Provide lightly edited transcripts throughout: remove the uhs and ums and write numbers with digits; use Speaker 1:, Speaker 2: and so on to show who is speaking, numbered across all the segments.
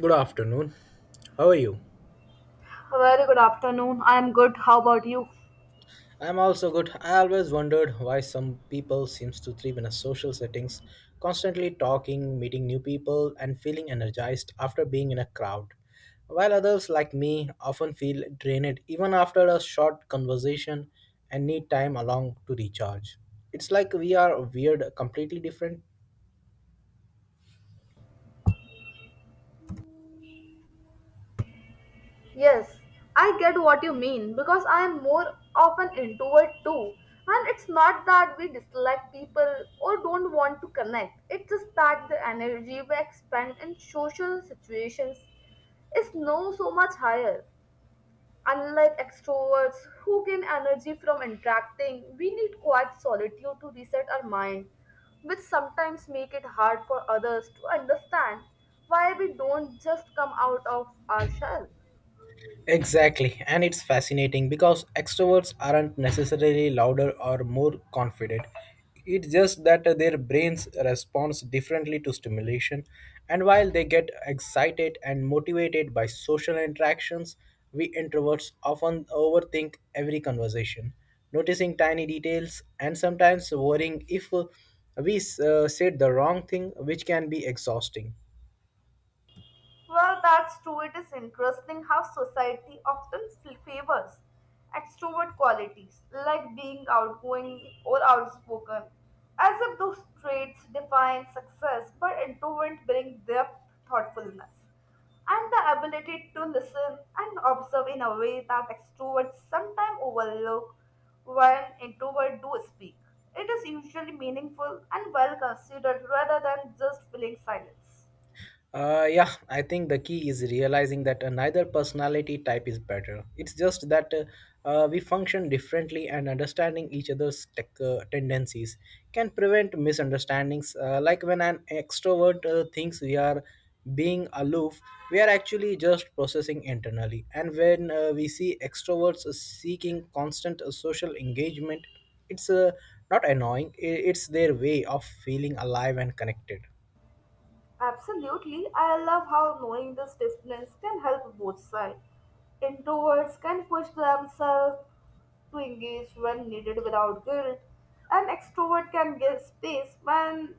Speaker 1: Good afternoon. How are you?
Speaker 2: A very good afternoon. I am good. How about you?
Speaker 1: I'm also good. I always wondered why some people seems to thrive in a social settings, constantly talking, meeting new people and feeling energized after being in a crowd, while others like me often feel drained even after a short conversation and need time along to recharge. It's like we are weird completely different.
Speaker 2: Yes, I get what you mean because I am more of an introvert too. And it's not that we dislike people or don't want to connect, it's just that the energy we expend in social situations is no so much higher. Unlike extroverts who gain energy from interacting, we need quiet solitude to reset our mind, which sometimes make it hard for others to understand why we don't just come out of our shell.
Speaker 1: Exactly, and it's fascinating because extroverts aren't necessarily louder or more confident. It's just that their brains responds differently to stimulation, and while they get excited and motivated by social interactions, we introverts often overthink every conversation, noticing tiny details and sometimes worrying if we said the wrong thing, which can be exhausting.
Speaker 2: Well, that's true. It is interesting how society often favors extrovert qualities like being outgoing or outspoken, as if those traits define success, but introverts bring depth, thoughtfulness, and the ability to listen and observe in a way that extroverts sometimes overlook when introverts do speak. It is usually meaningful and well considered rather than just filling silence.
Speaker 1: Yeah, I think the key is realizing that neither personality type is better. It's just that we function differently, and understanding each other's tendencies can prevent misunderstandings. Like when an extrovert thinks we are being aloof, we are actually just processing internally. And when we see extroverts seeking constant social engagement, it's not annoying, it's their way of feeling alive and connected.
Speaker 2: Absolutely. I love how knowing this difference can help both sides. Introverts can push themselves to engage when needed without guilt, and extrovert can give space when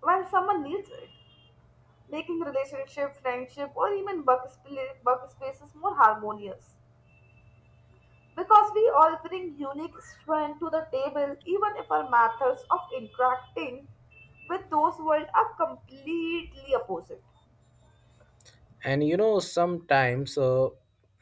Speaker 2: when someone needs it, making relationship, friendship, or even work, work spaces more harmonious. Because we all bring unique strength to the table, even if our methods of interacting with those world are completely opposite.
Speaker 1: and you know sometimes uh,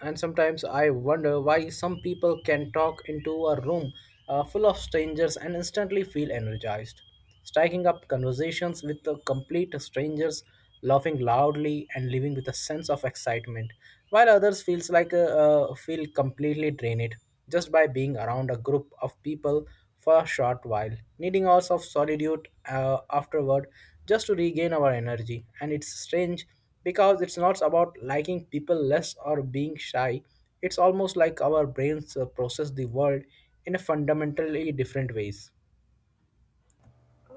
Speaker 1: and sometimes I wonder why some people can talk into a room full of strangers and instantly feel energized, striking up conversations with the complete strangers, laughing loudly and living with a sense of excitement, while others feel completely drained just by being around a group of people for a short while, needing hours of solitude afterward just to regain our energy. And it's strange because it's not about liking people less or being shy. It's almost like our brains process the world in a fundamentally different ways.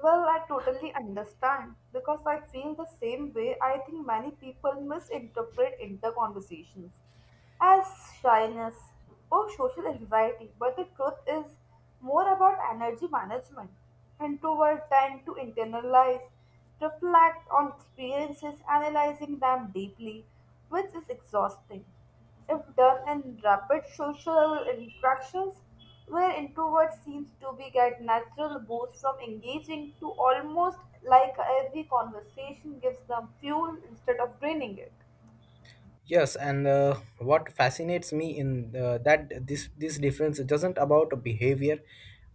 Speaker 2: Well, I totally understand because I feel the same way. I think many people misinterpret interconversations as shyness or social anxiety, but the truth is more about energy management. Introverts tend to internalize, reflect on experiences, analyzing them deeply, which is exhausting. If done in rapid social interactions, where introverts seems to be get natural boost from engaging to almost like every conversation gives them fuel instead of draining it.
Speaker 1: Yes, and what fascinates me in that this difference doesn't about behavior,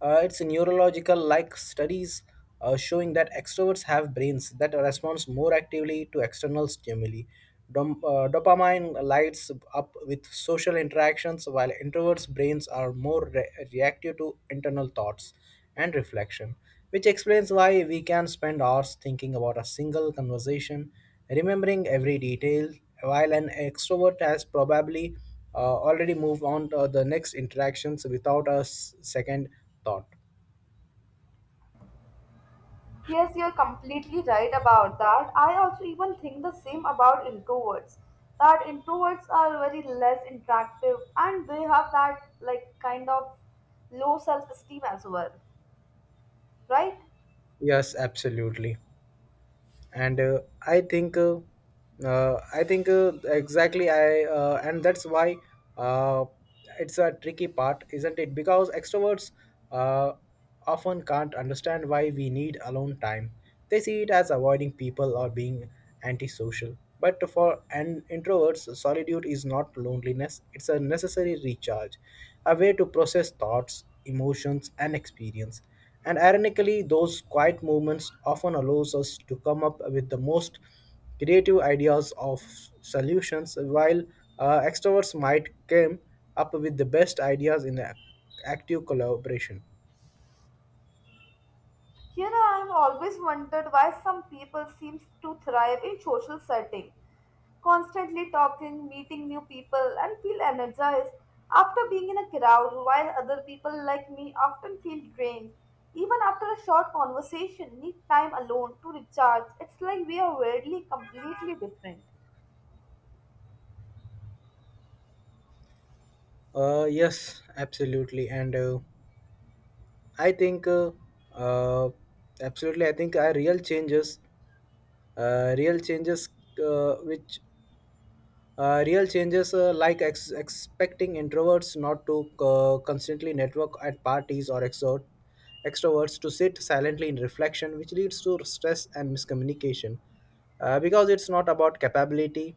Speaker 1: it's neurological. Like studies showing that extroverts have brains that responds more actively to external stimuli. Dopamine lights up with social interactions, while introverts' brains are more reactive to internal thoughts and reflection, which explains why we can spend hours thinking about a single conversation, remembering every detail, while an extrovert has probably already moved on to the next interactions without a second thought.
Speaker 2: Yes, you're completely right about that. I also even think the same about introverts. That introverts are very less interactive and they have that like kind of low self-esteem as well, right?
Speaker 1: Yes, absolutely. And I think uh, I think exactly, I and that's why uh, it's a tricky part, isn't it? Because extroverts uh, often can't understand why we need alone time. They see it as avoiding people or being antisocial, but for an introverts solitude is not loneliness. It's a necessary recharge, a way to process thoughts, emotions and experience. And ironically, those quiet movements often allows us to come up with the most creative ideas of solutions, while extroverts might come up with the best ideas in active collaboration.
Speaker 2: You know, I've always wondered why some people seem to thrive in social setting, constantly talking, meeting new people, and feel energized after being in a crowd, while other people like me often feel drained. Even after a short conversation, need time alone to recharge. It's like we are weirdly completely different.
Speaker 1: Yes, absolutely, and I think uh, absolutely. I think are real changes which Real changes like expecting introverts not to constantly network at parties or exert extroverts to sit silently in reflection, which leads to stress and miscommunication. Because it's not about capability,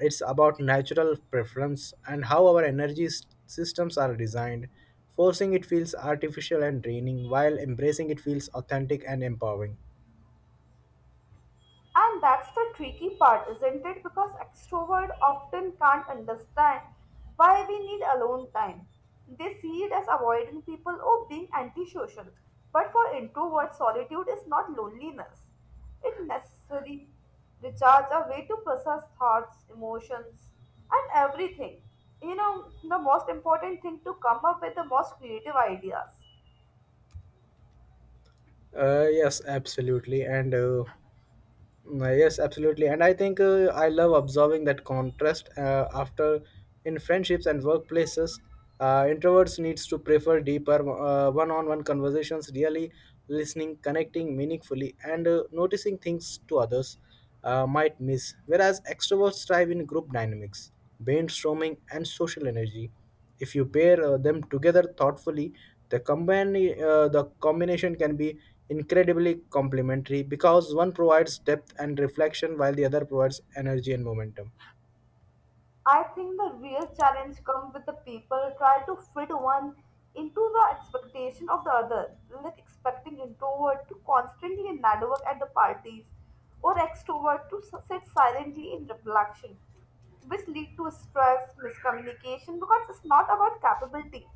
Speaker 1: it's about natural preference and how our energy systems are designed. Forcing it feels artificial and draining, while embracing it feels authentic and empowering.
Speaker 2: And that's the tricky part, isn't it? Because extrovert often can't understand why we need alone time. They see it as avoiding people or being antisocial. But for introverts, solitude is not loneliness. It necessary recharge, a way to process thoughts, emotions, and everything. You know, the most important thing to come up with the most creative ideas.
Speaker 1: Uh, yes, absolutely. And uh, Yes, absolutely. And I think I love observing that contrast after in friendships and workplaces. Introverts needs to prefer deeper one-on-one conversations, really listening, connecting meaningfully, and noticing things to others might miss. Whereas extroverts thrive in group dynamics, brainstorming, and social energy. If you pair them together thoughtfully, the combine the combination can be incredibly complementary because one provides depth and reflection while the other provides energy and momentum.
Speaker 2: I think the real challenge comes with the people try to fit one into the expectation of the other, like expecting introvert to constantly network at the parties or extrovert to sit silently in reflection, which lead to stress, miscommunication because it's not about capability.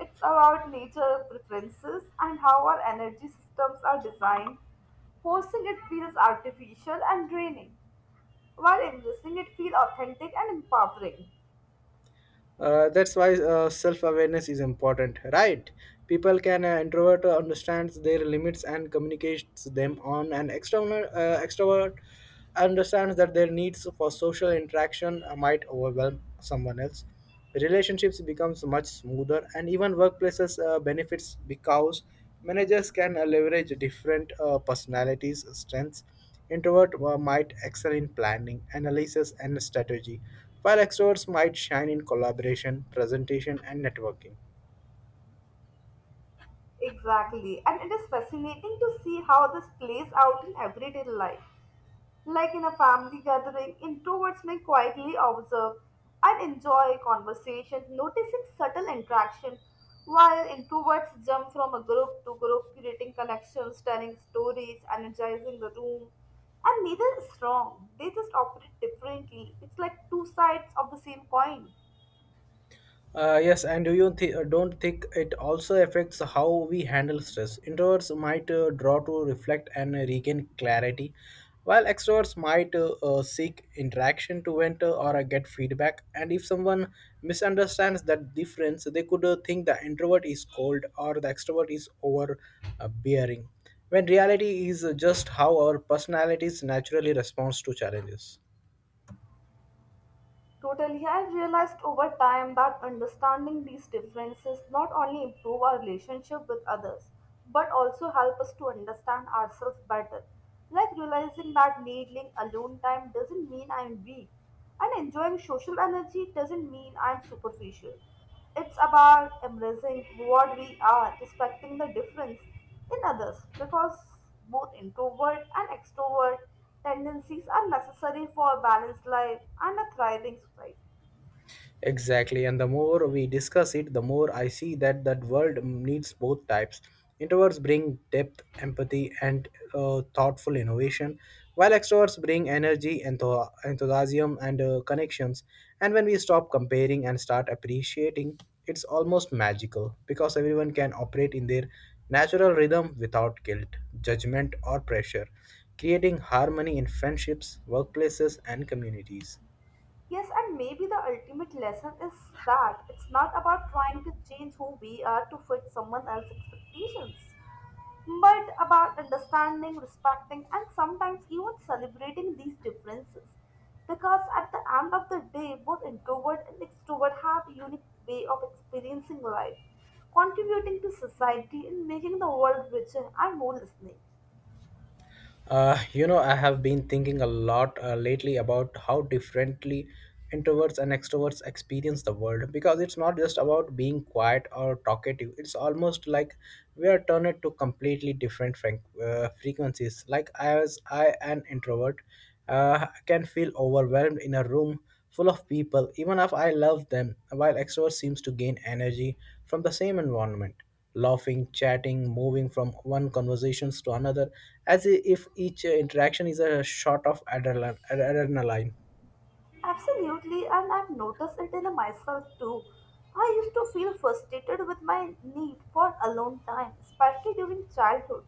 Speaker 2: It's about nature preferences and how our energy systems are designed. Forcing it feels artificial and draining, while embracing it feels authentic and empowering.
Speaker 1: That's why self-awareness is important, right? People can introvert understands their limits and communicates them on an external extrovert understands that their needs for social interaction might overwhelm someone else. Relationships becomes much smoother, and even workplaces benefits because managers can leverage different personalities strengths. Introverts might excel in planning, analysis, and strategy, while extroverts might shine in collaboration, presentation, and networking.
Speaker 2: Exactly, and it is fascinating to see how this plays out in everyday life. Like in a family gathering, introverts may quietly observe and enjoy conversation, noticing subtle interaction, while introverts jump from a group to group, creating connections, telling stories, energizing the room. And neither is wrong, they just operate differently. It's like two sides of the same coin.
Speaker 1: Yes, and don't think it also affects how we handle stress? Introverts might draw to reflect and regain clarity, while extroverts might seek interaction to vent or get feedback. And if someone misunderstands that difference, they could think the introvert is cold or the extrovert is overbearing, when reality is just how our personalities naturally responds to challenges.
Speaker 2: Totally, I've realized over time that understanding these differences not only improve our relationship with others, but also help us to understand ourselves better. Like realizing that needing alone time doesn't mean I'm weak, and enjoying social energy doesn't mean I'm superficial. It's about embracing what we are, respecting the difference in others because both introvert and extrovert tendencies are necessary for a balanced life and a thriving society.
Speaker 1: Exactly, and the more we discuss it, the more I see that that world needs both types. Introverts bring depth, empathy, and thoughtful innovation, while extroverts bring energy, enthusiasm, and connections. And when we stop comparing and start appreciating, it's almost magical because everyone can operate in their natural rhythm without guilt, judgment, or pressure, creating harmony in friendships, workplaces, and communities.
Speaker 2: Yes, and maybe the ultimate lesson is that it's not about trying to change who we are to fit someone else's expectations, but about understanding, respecting, and sometimes even celebrating these differences. Because at the end of the day, both introvert and extrovert have a unique way of experiencing life, contributing to society and making the world richer and more listening.
Speaker 1: I have been thinking a lot lately about how differently introverts and extroverts experience the world because it's not just about being quiet or talkative. It's almost like we are turned to completely different frequencies. Like as I, an introvert, can feel overwhelmed in a room full of people, even if I love them, while extrovert seems to gain energy from the same environment, laughing, chatting, moving from one conversations to another, as if each interaction is a shot of adrenaline.
Speaker 2: Absolutely, and I've noticed it in myself too. I used to feel frustrated with my need for alone time, especially during childhood,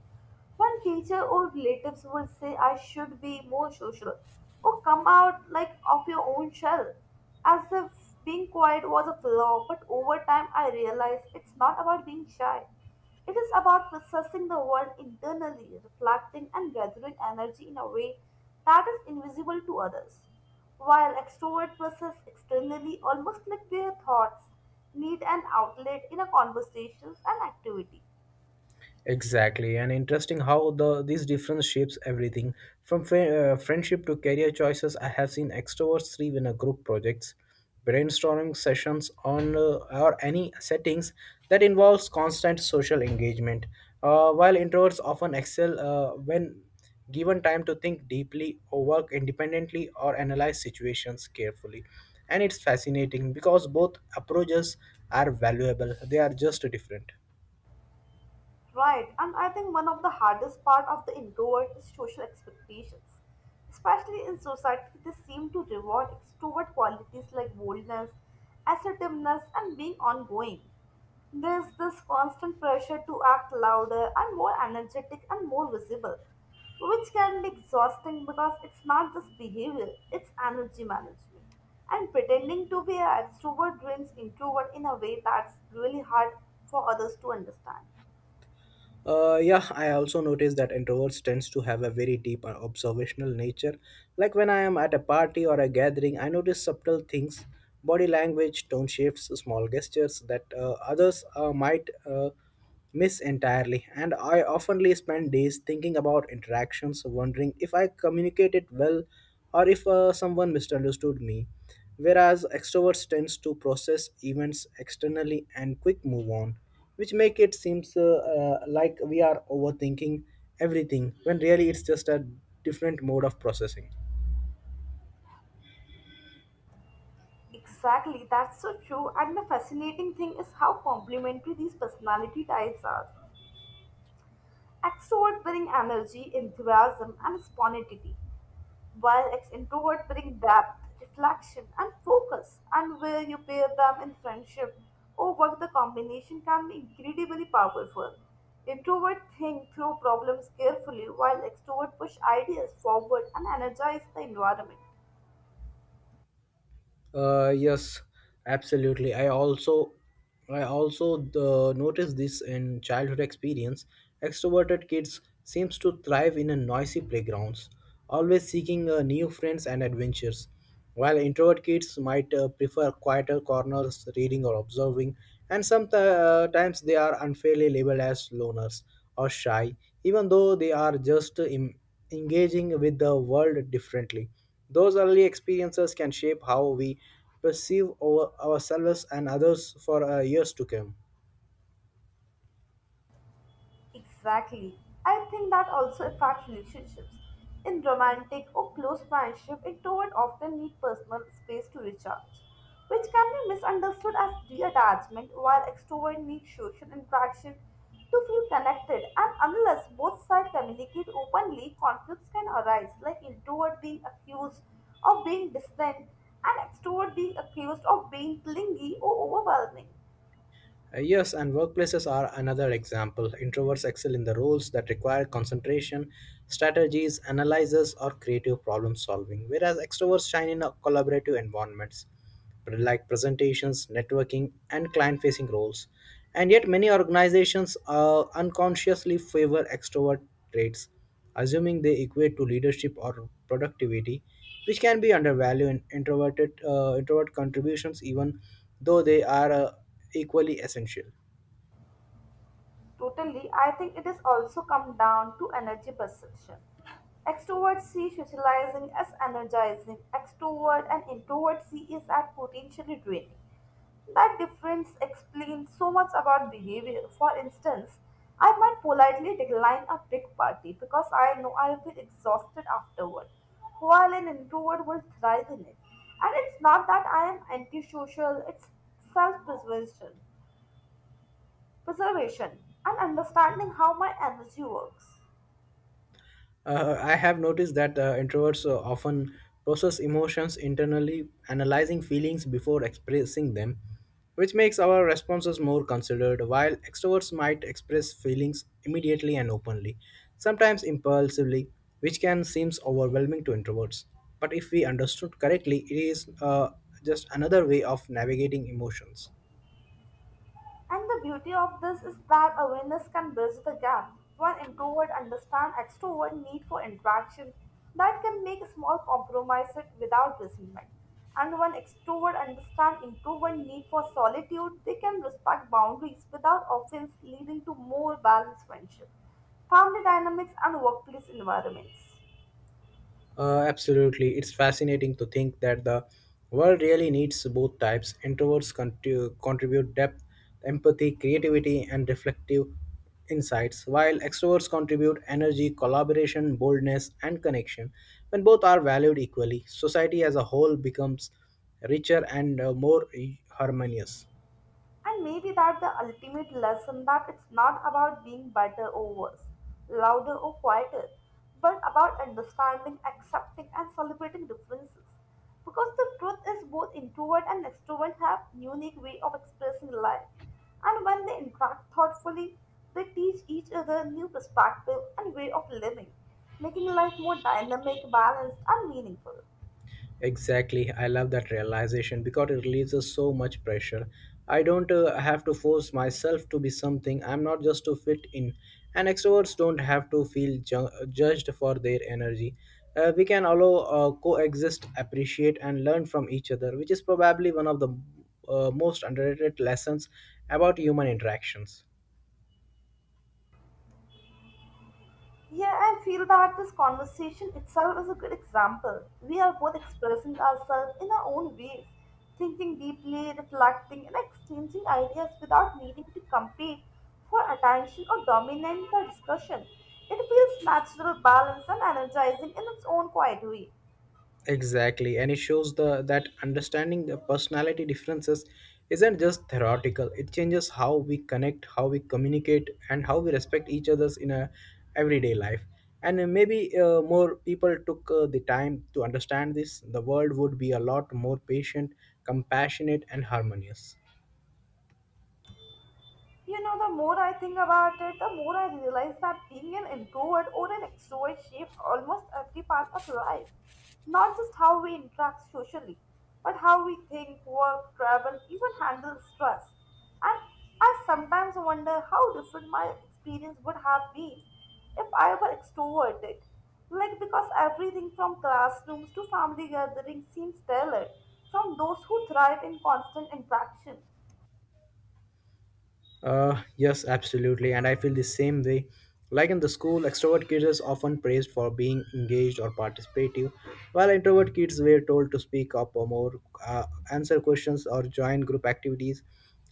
Speaker 2: when teacher or relatives would say I should be more social or come out like of your own shell, as if being quiet was a flaw. But over time, I realized it's not about being shy. It is about processing the world internally, reflecting and gathering energy in a way that is invisible to others while extrovert process externally almost like their thoughts need an outlet in a conversations and activity.
Speaker 1: Exactly, and interesting how these difference shapes everything from friendship to career choices. I have seen extroverts thrive in a group projects, brainstorming sessions on or any settings that involves constant social engagement, while introverts often excel when given time to think deeply or work independently or analyze situations carefully. And it's fascinating because both approaches are valuable; they are just different.
Speaker 2: Right, and I think one of the hardest part of the introvert is social expectations. Especially in society, they seem to reward extrovert qualities like boldness, assertiveness, and being ongoing. There's this constant pressure to act louder and more energetic and more visible, which can be exhausting because it's not just behavior, it's energy management. And pretending to be an extrovert drains introvert in a way that's really hard for others to understand.
Speaker 1: Yeah, I also noticed that introverts tends to have a very deep observational nature. Like when I am at a party or a gathering, I notice subtle things, body language, tone shifts, small gestures that others might miss entirely. And I oftenly spend days thinking about interactions, wondering if I communicated well or if someone misunderstood me, whereas extroverts tends to process events externally and quick move on, which make it seems like we are overthinking everything when really it's just a different mode of processing.
Speaker 2: Exactly, that's so true. And the fascinating thing is how complementary these personality types are. Extrovert bring energy, enthusiasm, and spontaneity, while introvert bring depth, reflection, and focus. And where you pair them in friendship or work, the combination can be incredibly powerful. Introvert think through problems carefully, while extrovert push ideas forward and energize the environment.
Speaker 1: Yes, absolutely. I also noticed this in childhood experience. Extroverted kids seems to thrive in a noisy playgrounds, always seeking new friends and adventures, while introvert kids might prefer quieter corners, reading or observing, and sometimes they are unfairly labeled as loners or shy, even though they are just engaging with the world differently. Those early experiences can shape how we perceive ourselves and others for years to come.
Speaker 2: Exactly. I think that also affects relationships. In romantic or close friendship, introverts often need personal space to recharge, which can be misunderstood as detachment, while extroverts need social interaction to feel connected. And unless both sides communicate openly, conflicts can arise, like introvert being accused of being distant and extrovert being accused of being clingy or overwhelming.
Speaker 1: Yes, and workplaces are another example. Introverts excel in the roles that require concentration, strategies, analysis, or creative problem solving, whereas extroverts shine in collaborative environments like presentations, networking, and client facing roles. And yet, many organizations unconsciously favor extrovert traits, assuming they equate to leadership or productivity, which can be undervalued in introvert contributions, even though they are equally essential.
Speaker 2: Totally, I think it is also come down to energy perception. Extroverts see socializing as energizing, extrovert and introvert see it as potentially draining. That difference explains so much about behavior. For instance, I might politely decline a big party because I know I'll be exhausted afterward, while an introvert will thrive in it. And it's not that I am antisocial, it's self preservation preservation, and understanding how my energy works.
Speaker 1: I have noticed that introverts often process emotions internally, analyzing feelings before expressing them, which makes our responses more considered, while extroverts might express feelings immediately and openly, sometimes impulsively, which can seem overwhelming to introverts. But if we understood correctly, it is just another way of navigating emotions.
Speaker 2: And the beauty of this is that awareness can bridge the gap when introvert understand extrovert need for interaction that can make small compromises without resentment. And when extrovert understand introvert need for solitude, they can respect boundaries without offense leading to more balanced friendship, family dynamics and workplace environments.
Speaker 1: Absolutely. It's fascinating to think that the world really needs both types. Introverts contribute depth, empathy, creativity, and reflective insights, while extroverts contribute energy, collaboration, boldness, and connection. When both are valued equally, society as a whole becomes richer and more harmonious.
Speaker 2: And maybe that the ultimate lesson that it's not about being better or worse, louder or quieter, but about understanding, accepting and celebrating differences. Because the truth is both introvert and extrovert have unique way of expressing life. And when they interact thoughtfully, they teach each other new perspective and way of living, making life more dynamic, balanced and meaningful.
Speaker 1: Exactly. I love that realization because it releases so much pressure. I don't have to force myself to be something I'm not just to fit in. And extroverts don't have to feel judged for their energy. We can allow coexist, appreciate, and learn from each other, which is probably one of the most underrated lessons about human interactions.
Speaker 2: Yeah, I feel that this conversation itself is a good example. We are both expressing ourselves in our own ways, thinking deeply, reflecting, and exchanging ideas without needing to compete for attention or dominate the discussion. It feels natural, balanced, and energizing in its own quiet way.
Speaker 1: Exactly, and it shows the that understanding the personality differences isn't just theoretical. It changes how we connect, how we communicate, and how we respect each other's in a everyday life. And maybe more people took the time to understand this, the world would be a lot more patient, compassionate, and harmonious.
Speaker 2: You know, the more I think about it, the more I realize that being an introvert or an extrovert shapes almost every part of life. Not just how we interact socially, but how we think, work, travel, even handle stress. And I sometimes wonder how different my experience would have been if I were extroverted. Like, because everything from classrooms to family gatherings seems tailored from those who thrive in constant interaction.
Speaker 1: Yes, absolutely, and I feel the same way. Like in the school, extrovert kids are often praised for being engaged or participative, while introvert kids were told to speak up or more, uh, answer questions, or join group activities,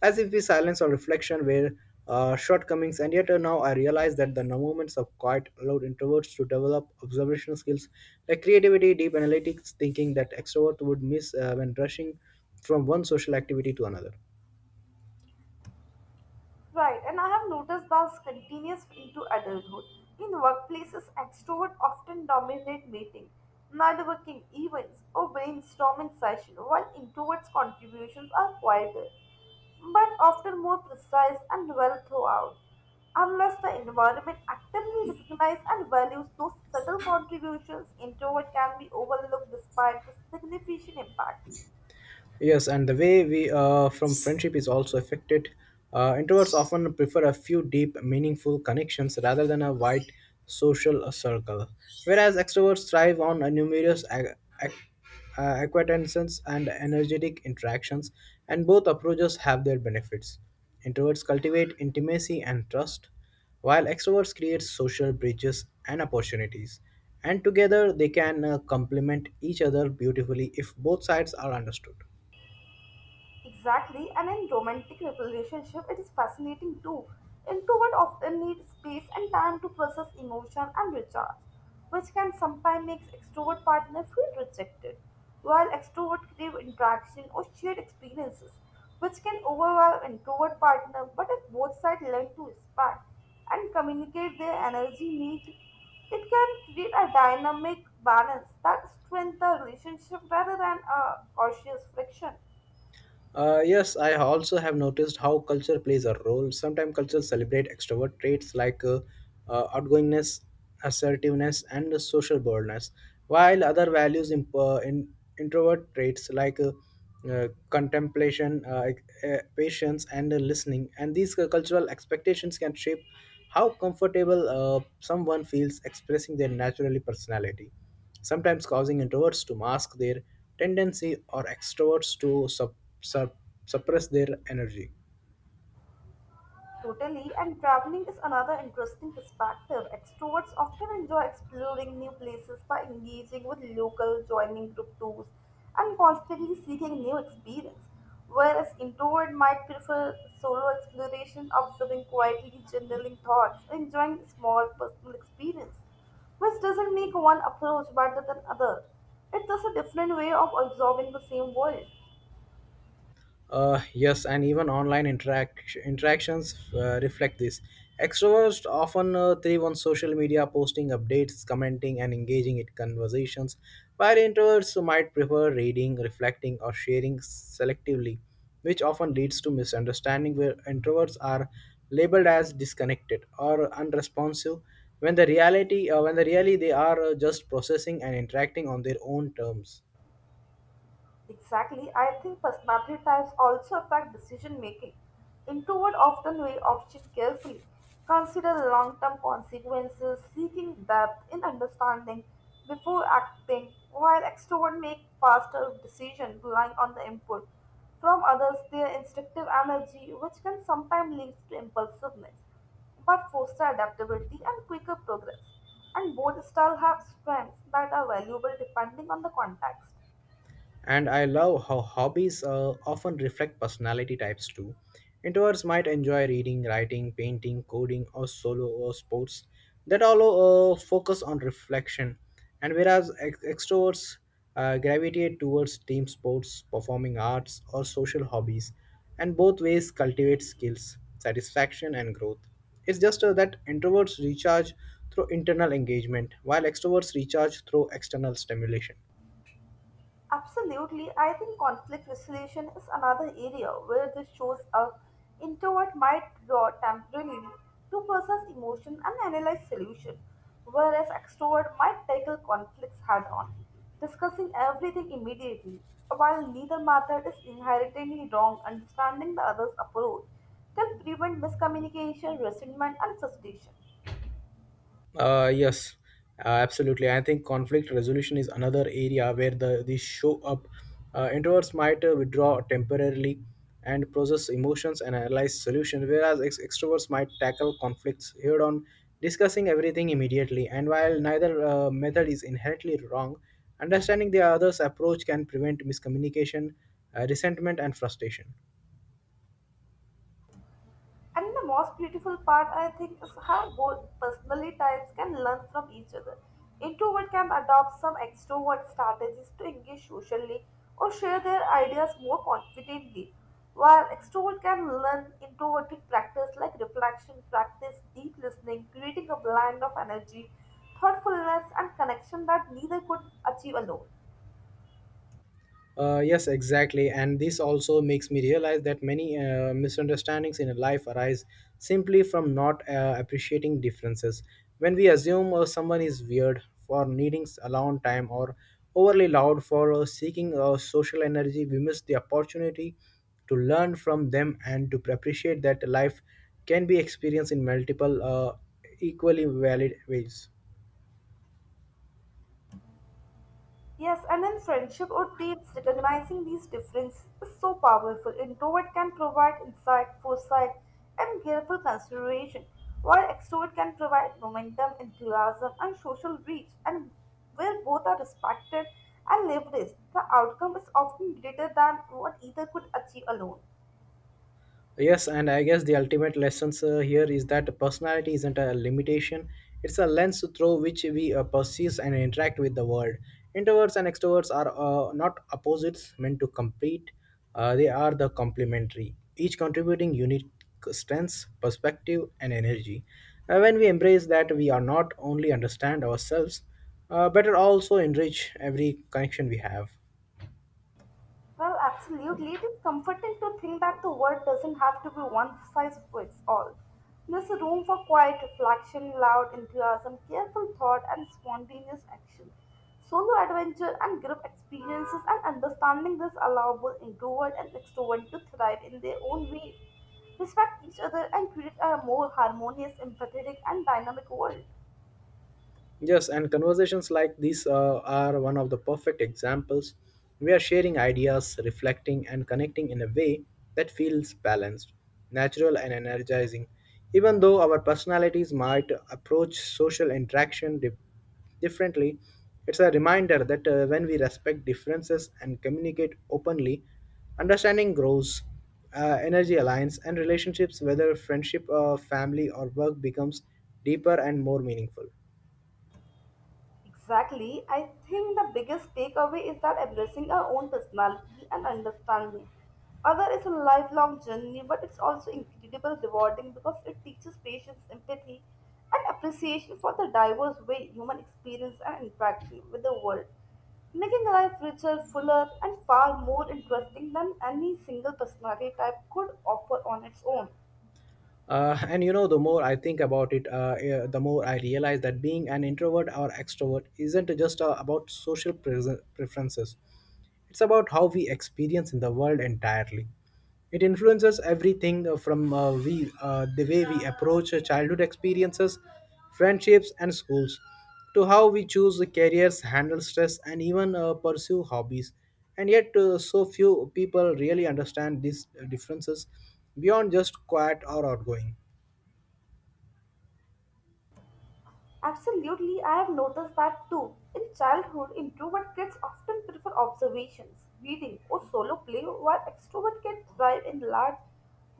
Speaker 1: as if the silence or reflection were shortcomings. And yet now I realize that the moments of quiet allowed introverts to develop observational skills like creativity, deep analytics thinking that extroverts would miss when rushing from one social activity to another.
Speaker 2: Right, and I have noticed this continues into adulthood. In workplaces, extroverts often dominate meetings, networking events, or brainstorming sessions, while introverts' contributions are quieter, but often more precise and well throughout. Unless the environment actively recognizes and values those subtle contributions, introvert can be overlooked despite the significant impact.
Speaker 1: Yes, and the way we from friendship is also affected. Introverts often prefer a few deep, meaningful connections rather than a wide social circle, whereas extroverts thrive on a numerous ac- acquaintances and energetic interactions, and both approaches have their benefits. Introverts cultivate intimacy and trust, while extroverts create social bridges and opportunities, and together they can complement each other beautifully if both sides are understood.
Speaker 2: Exactly, and in romantic relationship, it is fascinating too. Introverts often need space and time to process emotion and recharge, which can sometimes make extrovert partner feel rejected, while extrovert crave interaction or shared experiences, which can overwhelm introvert partner. But if both sides learn to respect and communicate their energy need, it can create a dynamic balance that strengthens the relationship rather than a cautious friction.
Speaker 1: Yes, I also have noticed how culture plays a role. Sometimes cultures celebrate extrovert traits like outgoingness, assertiveness, and social boldness, while other values in introvert traits like contemplation, patience, and listening. And these cultural expectations can shape how comfortable someone feels expressing their naturally personality, sometimes causing introverts to mask their tendency or extroverts to sup- suppress their energy.
Speaker 2: Totally, and traveling is another interesting perspective. Extroverts often enjoy exploring new places by engaging with local, joining group tours, and constantly seeking new experience. Whereas introvert might prefer solo exploration, observing quietly, journaling thoughts, and enjoying small personal experience, which doesn't make one approach better than other. It's just a different way of observing the same world.
Speaker 1: Yes, and even interactions reflect this. Extroverts often thrive on social media, posting updates, commenting, and engaging in conversations, while introverts might prefer reading, reflecting, or sharing selectively, which often leads to misunderstanding where introverts are labeled as disconnected or unresponsive when the reality when the really they are just processing and interacting on their own terms.
Speaker 2: Exactly. I think personality types also affect decision making. Introvert often weigh options carefully, consider long term consequences, seeking depth in understanding before acting, while extrovert make faster decisions relying on the input from others, their instinctive energy, which can sometimes lead to impulsiveness, but foster adaptability and quicker progress. And both styles have strengths that are valuable depending on the context.
Speaker 1: And I love how hobbies often reflect personality types too. Introverts might enjoy reading, writing, painting, coding, or solo or sports that all focus on reflection, and whereas extroverts gravitate towards team sports, performing arts, or social hobbies, and both ways cultivate skills, satisfaction, and growth. It's just that introverts recharge through internal engagement, while extroverts recharge through external stimulation.
Speaker 2: Absolutely, I think conflict resolution is another area where this shows up. Introvert might draw temporarily to process emotion and analyze solution, whereas extrovert might tackle conflicts head on, discussing everything immediately. While neither method is inherently wrong, understanding the other's approach can prevent miscommunication, resentment, and frustration.
Speaker 1: Uh, yes, Absolutely. I think conflict resolution is another area where these show up. Introverts might withdraw temporarily and process emotions and analyze solutions, whereas extroverts might tackle conflicts head on, discussing everything immediately. And while neither method is inherently wrong, understanding the other's approach can prevent miscommunication, resentment, and frustration.
Speaker 2: And the most beautiful part, I think, is how both personality types can learn from each other. Introvert can adopt some extrovert strategies to engage socially or share their ideas more confidently, while extrovert can learn introverted practice like reflection practice, deep listening, creating a blend of energy, thoughtfulness, and connection that neither could achieve alone.
Speaker 1: Yes, exactly. And this also makes me realize that many misunderstandings in life arise simply from not appreciating differences. When we assume someone is weird for needing alone time or overly loud for seeking social energy, we miss the opportunity to learn from them and to appreciate that life can be experienced in multiple, equally valid ways.
Speaker 2: Yes, and in friendship or teams, recognizing these differences is so powerful. Introvert can provide insight, foresight, and careful consideration, while extrovert can provide momentum, enthusiasm, and social reach. And where both are respected and leveraged, the outcome is often greater than what either could achieve alone.
Speaker 1: Yes, and I guess the ultimate lessons here is that personality isn't a limitation. It's a lens through which we perceive and interact with the world. Introverts and extroverts are not opposites meant to compete. They are the complementary, each contributing unique strengths, perspective, and energy. When we embrace that, we are not only understand ourselves, but are also enrich every connection we have.
Speaker 2: Well, absolutely. It is comforting to think that the world doesn't have to be one size fits all. There's a room for quiet reflection, loud enthusiasm, careful thought, and spontaneous action. Solo adventure and group experiences and understanding this allowable introvert and extrovert to thrive in their own way, respect each other, and create a more harmonious, empathetic, and dynamic world.
Speaker 1: Yes, and conversations like these are one of the perfect examples. We are sharing ideas, reflecting, and connecting in a way that feels balanced, natural, and energizing. Even though our personalities might approach social interaction differently, it's a reminder that when we respect differences and communicate openly, understanding grows, energy aligns, and relationships, whether friendship, family, or work, becomes deeper and more meaningful.
Speaker 2: Exactly. I think the biggest takeaway is that embracing our own personality and understanding other is a lifelong journey, but it's also incredibly rewarding because it teaches patience, empathy, and appreciation for the diverse way human experience and interaction with the world, making life richer, fuller, and far more interesting than any single personality type could offer on its own.
Speaker 1: And you know, the more I think about it, the more I realize that being an introvert or extrovert isn't just about preferences. It's about how we experience in the world entirely. It influences everything from we the way we approach childhood experiences, friendships, and schools, to how we choose the careers, handle stress, and even pursue hobbies. And yet, so few people really understand these differences beyond just quiet or outgoing.
Speaker 2: Absolutely, I have noticed that too. In childhood, introvert kids often prefer observations, reading, or solo play, while extrovert kids thrive in large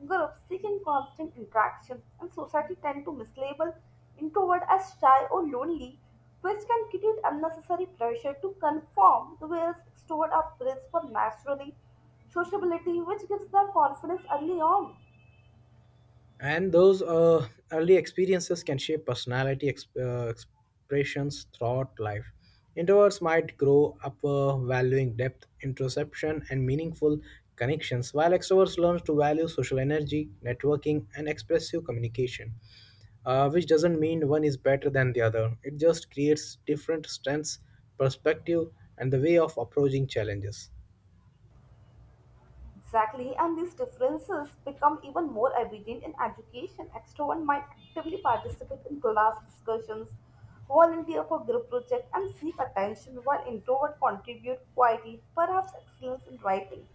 Speaker 2: groups seeking constant interaction, and society tend to mislabel introvert as shy or lonely, which can create unnecessary pressure to conform, whereas extrovert are praised for naturally sociability, which gives them confidence early on.
Speaker 1: And those early experiences can shape expressions throughout life. Introverts might grow up valuing depth introspection and meaningful connections, while extroverts learn to value social energy, networking, and expressive communication, which doesn't mean one is better than the other. It just creates different strengths, perspective, and the way of approaching challenges.
Speaker 2: Exactly, and these differences become even more evident in education. Extrovert might actively participate in class discussions, volunteer for group projects, and seek attention, while introvert contribute quietly, perhaps excellence in writing,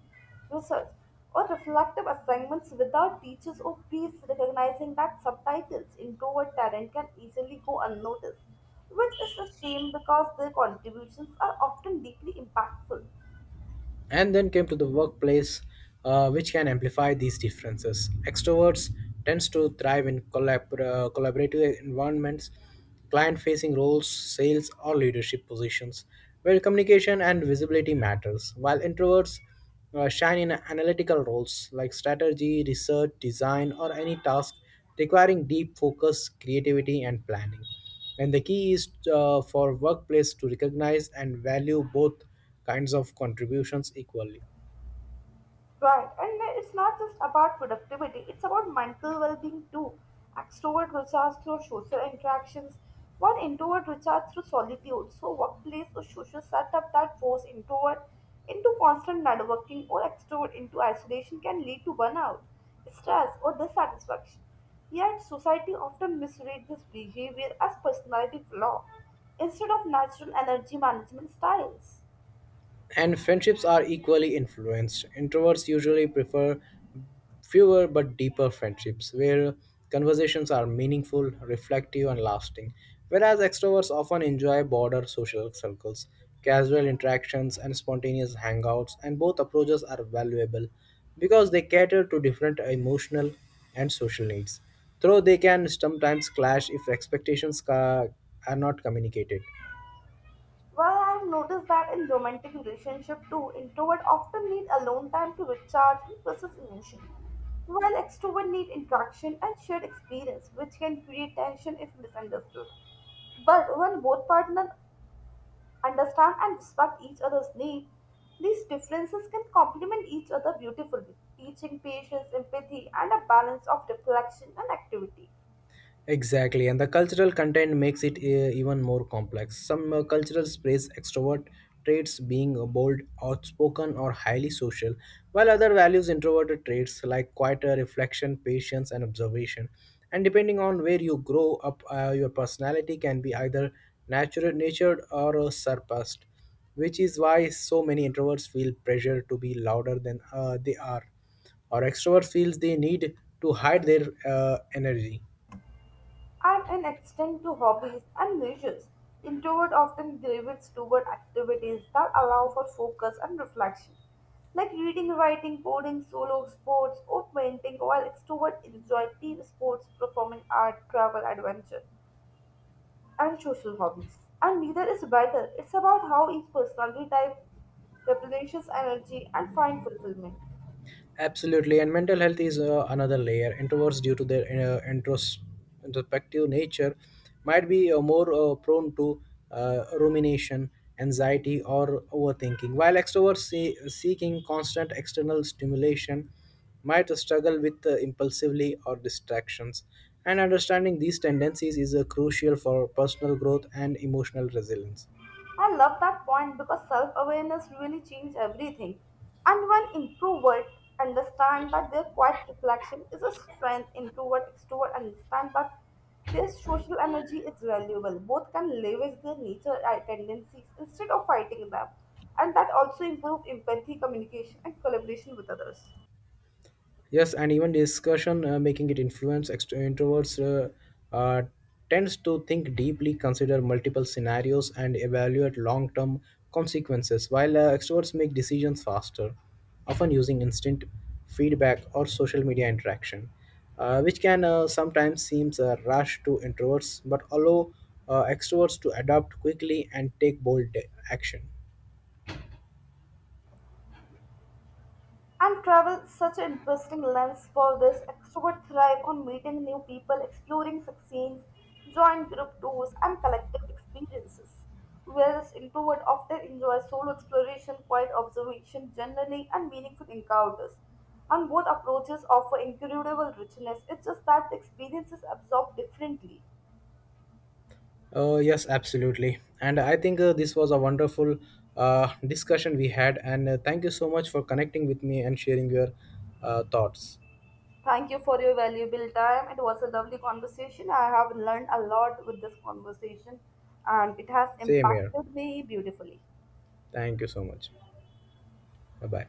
Speaker 2: research, or reflective assignments without teachers or peers recognizing that subtitles introvert talent can easily go unnoticed, which is a shame because their contributions are often deeply impactful.
Speaker 1: And then came to the workplace, which can amplify these differences. Extroverts tends to thrive in collaborative environments, client facing roles, sales, or leadership positions, where communication and visibility matters, while introverts shine in analytical roles like strategy, research, design, or any task requiring deep focus, creativity, and planning. And the key is for workplace to recognize and value both kinds of contributions equally.
Speaker 2: Right, and then it's not just about productivity, it's about mental well being too. Extrovert recharge through social interactions, while introvert recharge through solitude. So, workplace or social setup that force introvert into constant networking or extrovert into isolation can lead to burnout, stress, or dissatisfaction. Yet, society often misreads this behavior as personality flaw instead of natural energy management styles.
Speaker 1: And friendships are equally influenced. Introverts usually prefer fewer but deeper friendships where conversations are meaningful, reflective, and lasting, whereas extroverts often enjoy broader social circles, casual interactions, and spontaneous hangouts. And both approaches are valuable because they cater to different emotional and social needs, though they can sometimes clash if are not communicated.
Speaker 2: Well, I've noticed that in romantic relationship too, introvert often need alone time to recharge and process emotion, while extrovert need interaction and shared experience, which can create tension if misunderstood. But when both partners understand and respect each other's needs, these differences can complement each other beautifully, teaching patience, empathy, and a balance of reflection and activity.
Speaker 1: Exactly, and the cultural content makes it even more complex. Some cultures praise extrovert traits, being bold, outspoken, or highly social, while other values introverted traits like quieter reflection, patience, and observation. And depending on where you grow up, your personality can be either natural, natured, or surpassed, which is why so many introverts feel pressure to be louder than they are, or extrovert feels they need to hide their energy.
Speaker 2: And an extent to hobbies and leisures. Introvert often gravitates toward activities that allow for focus and reflection, like reading, writing, coding, solo sports, or painting, while extrovert enjoy team sports, performing art, travel, adventure, and social hobbies. And neither is better. It's about how each personality type replenishes energy and find fulfillment.
Speaker 1: Absolutely, and mental health is another layer. Introverts, due to their introspective nature, might be more prone to rumination, anxiety, or overthinking, while extroverts seeking constant external stimulation might struggle with impulsively or distractions. And understanding these tendencies is crucial for personal growth and emotional resilience.
Speaker 2: I love that point because self awareness really changes everything. And when introverts understand that their quiet reflection is a strength, introvert, extrovert understand that their social energy is valuable. Both can leverage their nature tendencies instead of fighting them. And that also improves empathy, communication, and collaboration with others.
Speaker 1: Yes, and even discussion making it influence introverts tends to think deeply, consider multiple scenarios, and evaluate long-term consequences, while extroverts make decisions faster, often using instant feedback or social media interaction, which can sometimes seems a rush to introverts, but allow extroverts to adapt quickly and take bold action.
Speaker 2: And travel is such an interesting lens for this. Extroverts thrive on meeting new people, exploring scenes, joint group tours, and collective experiences. Whereas introvert often enjoy solo exploration, quiet observation, generally, and meaningful encounters. And both approaches offer incredible richness. It's just that the experiences absorb differently.
Speaker 1: Yes, absolutely. And I think this was a wonderful discussion we had. And thank you so much for connecting with me and sharing your thoughts.
Speaker 2: Thank you for your valuable time. It was a lovely conversation. I have learned a lot with this conversation and it has
Speaker 1: Same here.
Speaker 2: impacted me beautifully.
Speaker 1: Thank you so much. Bye bye.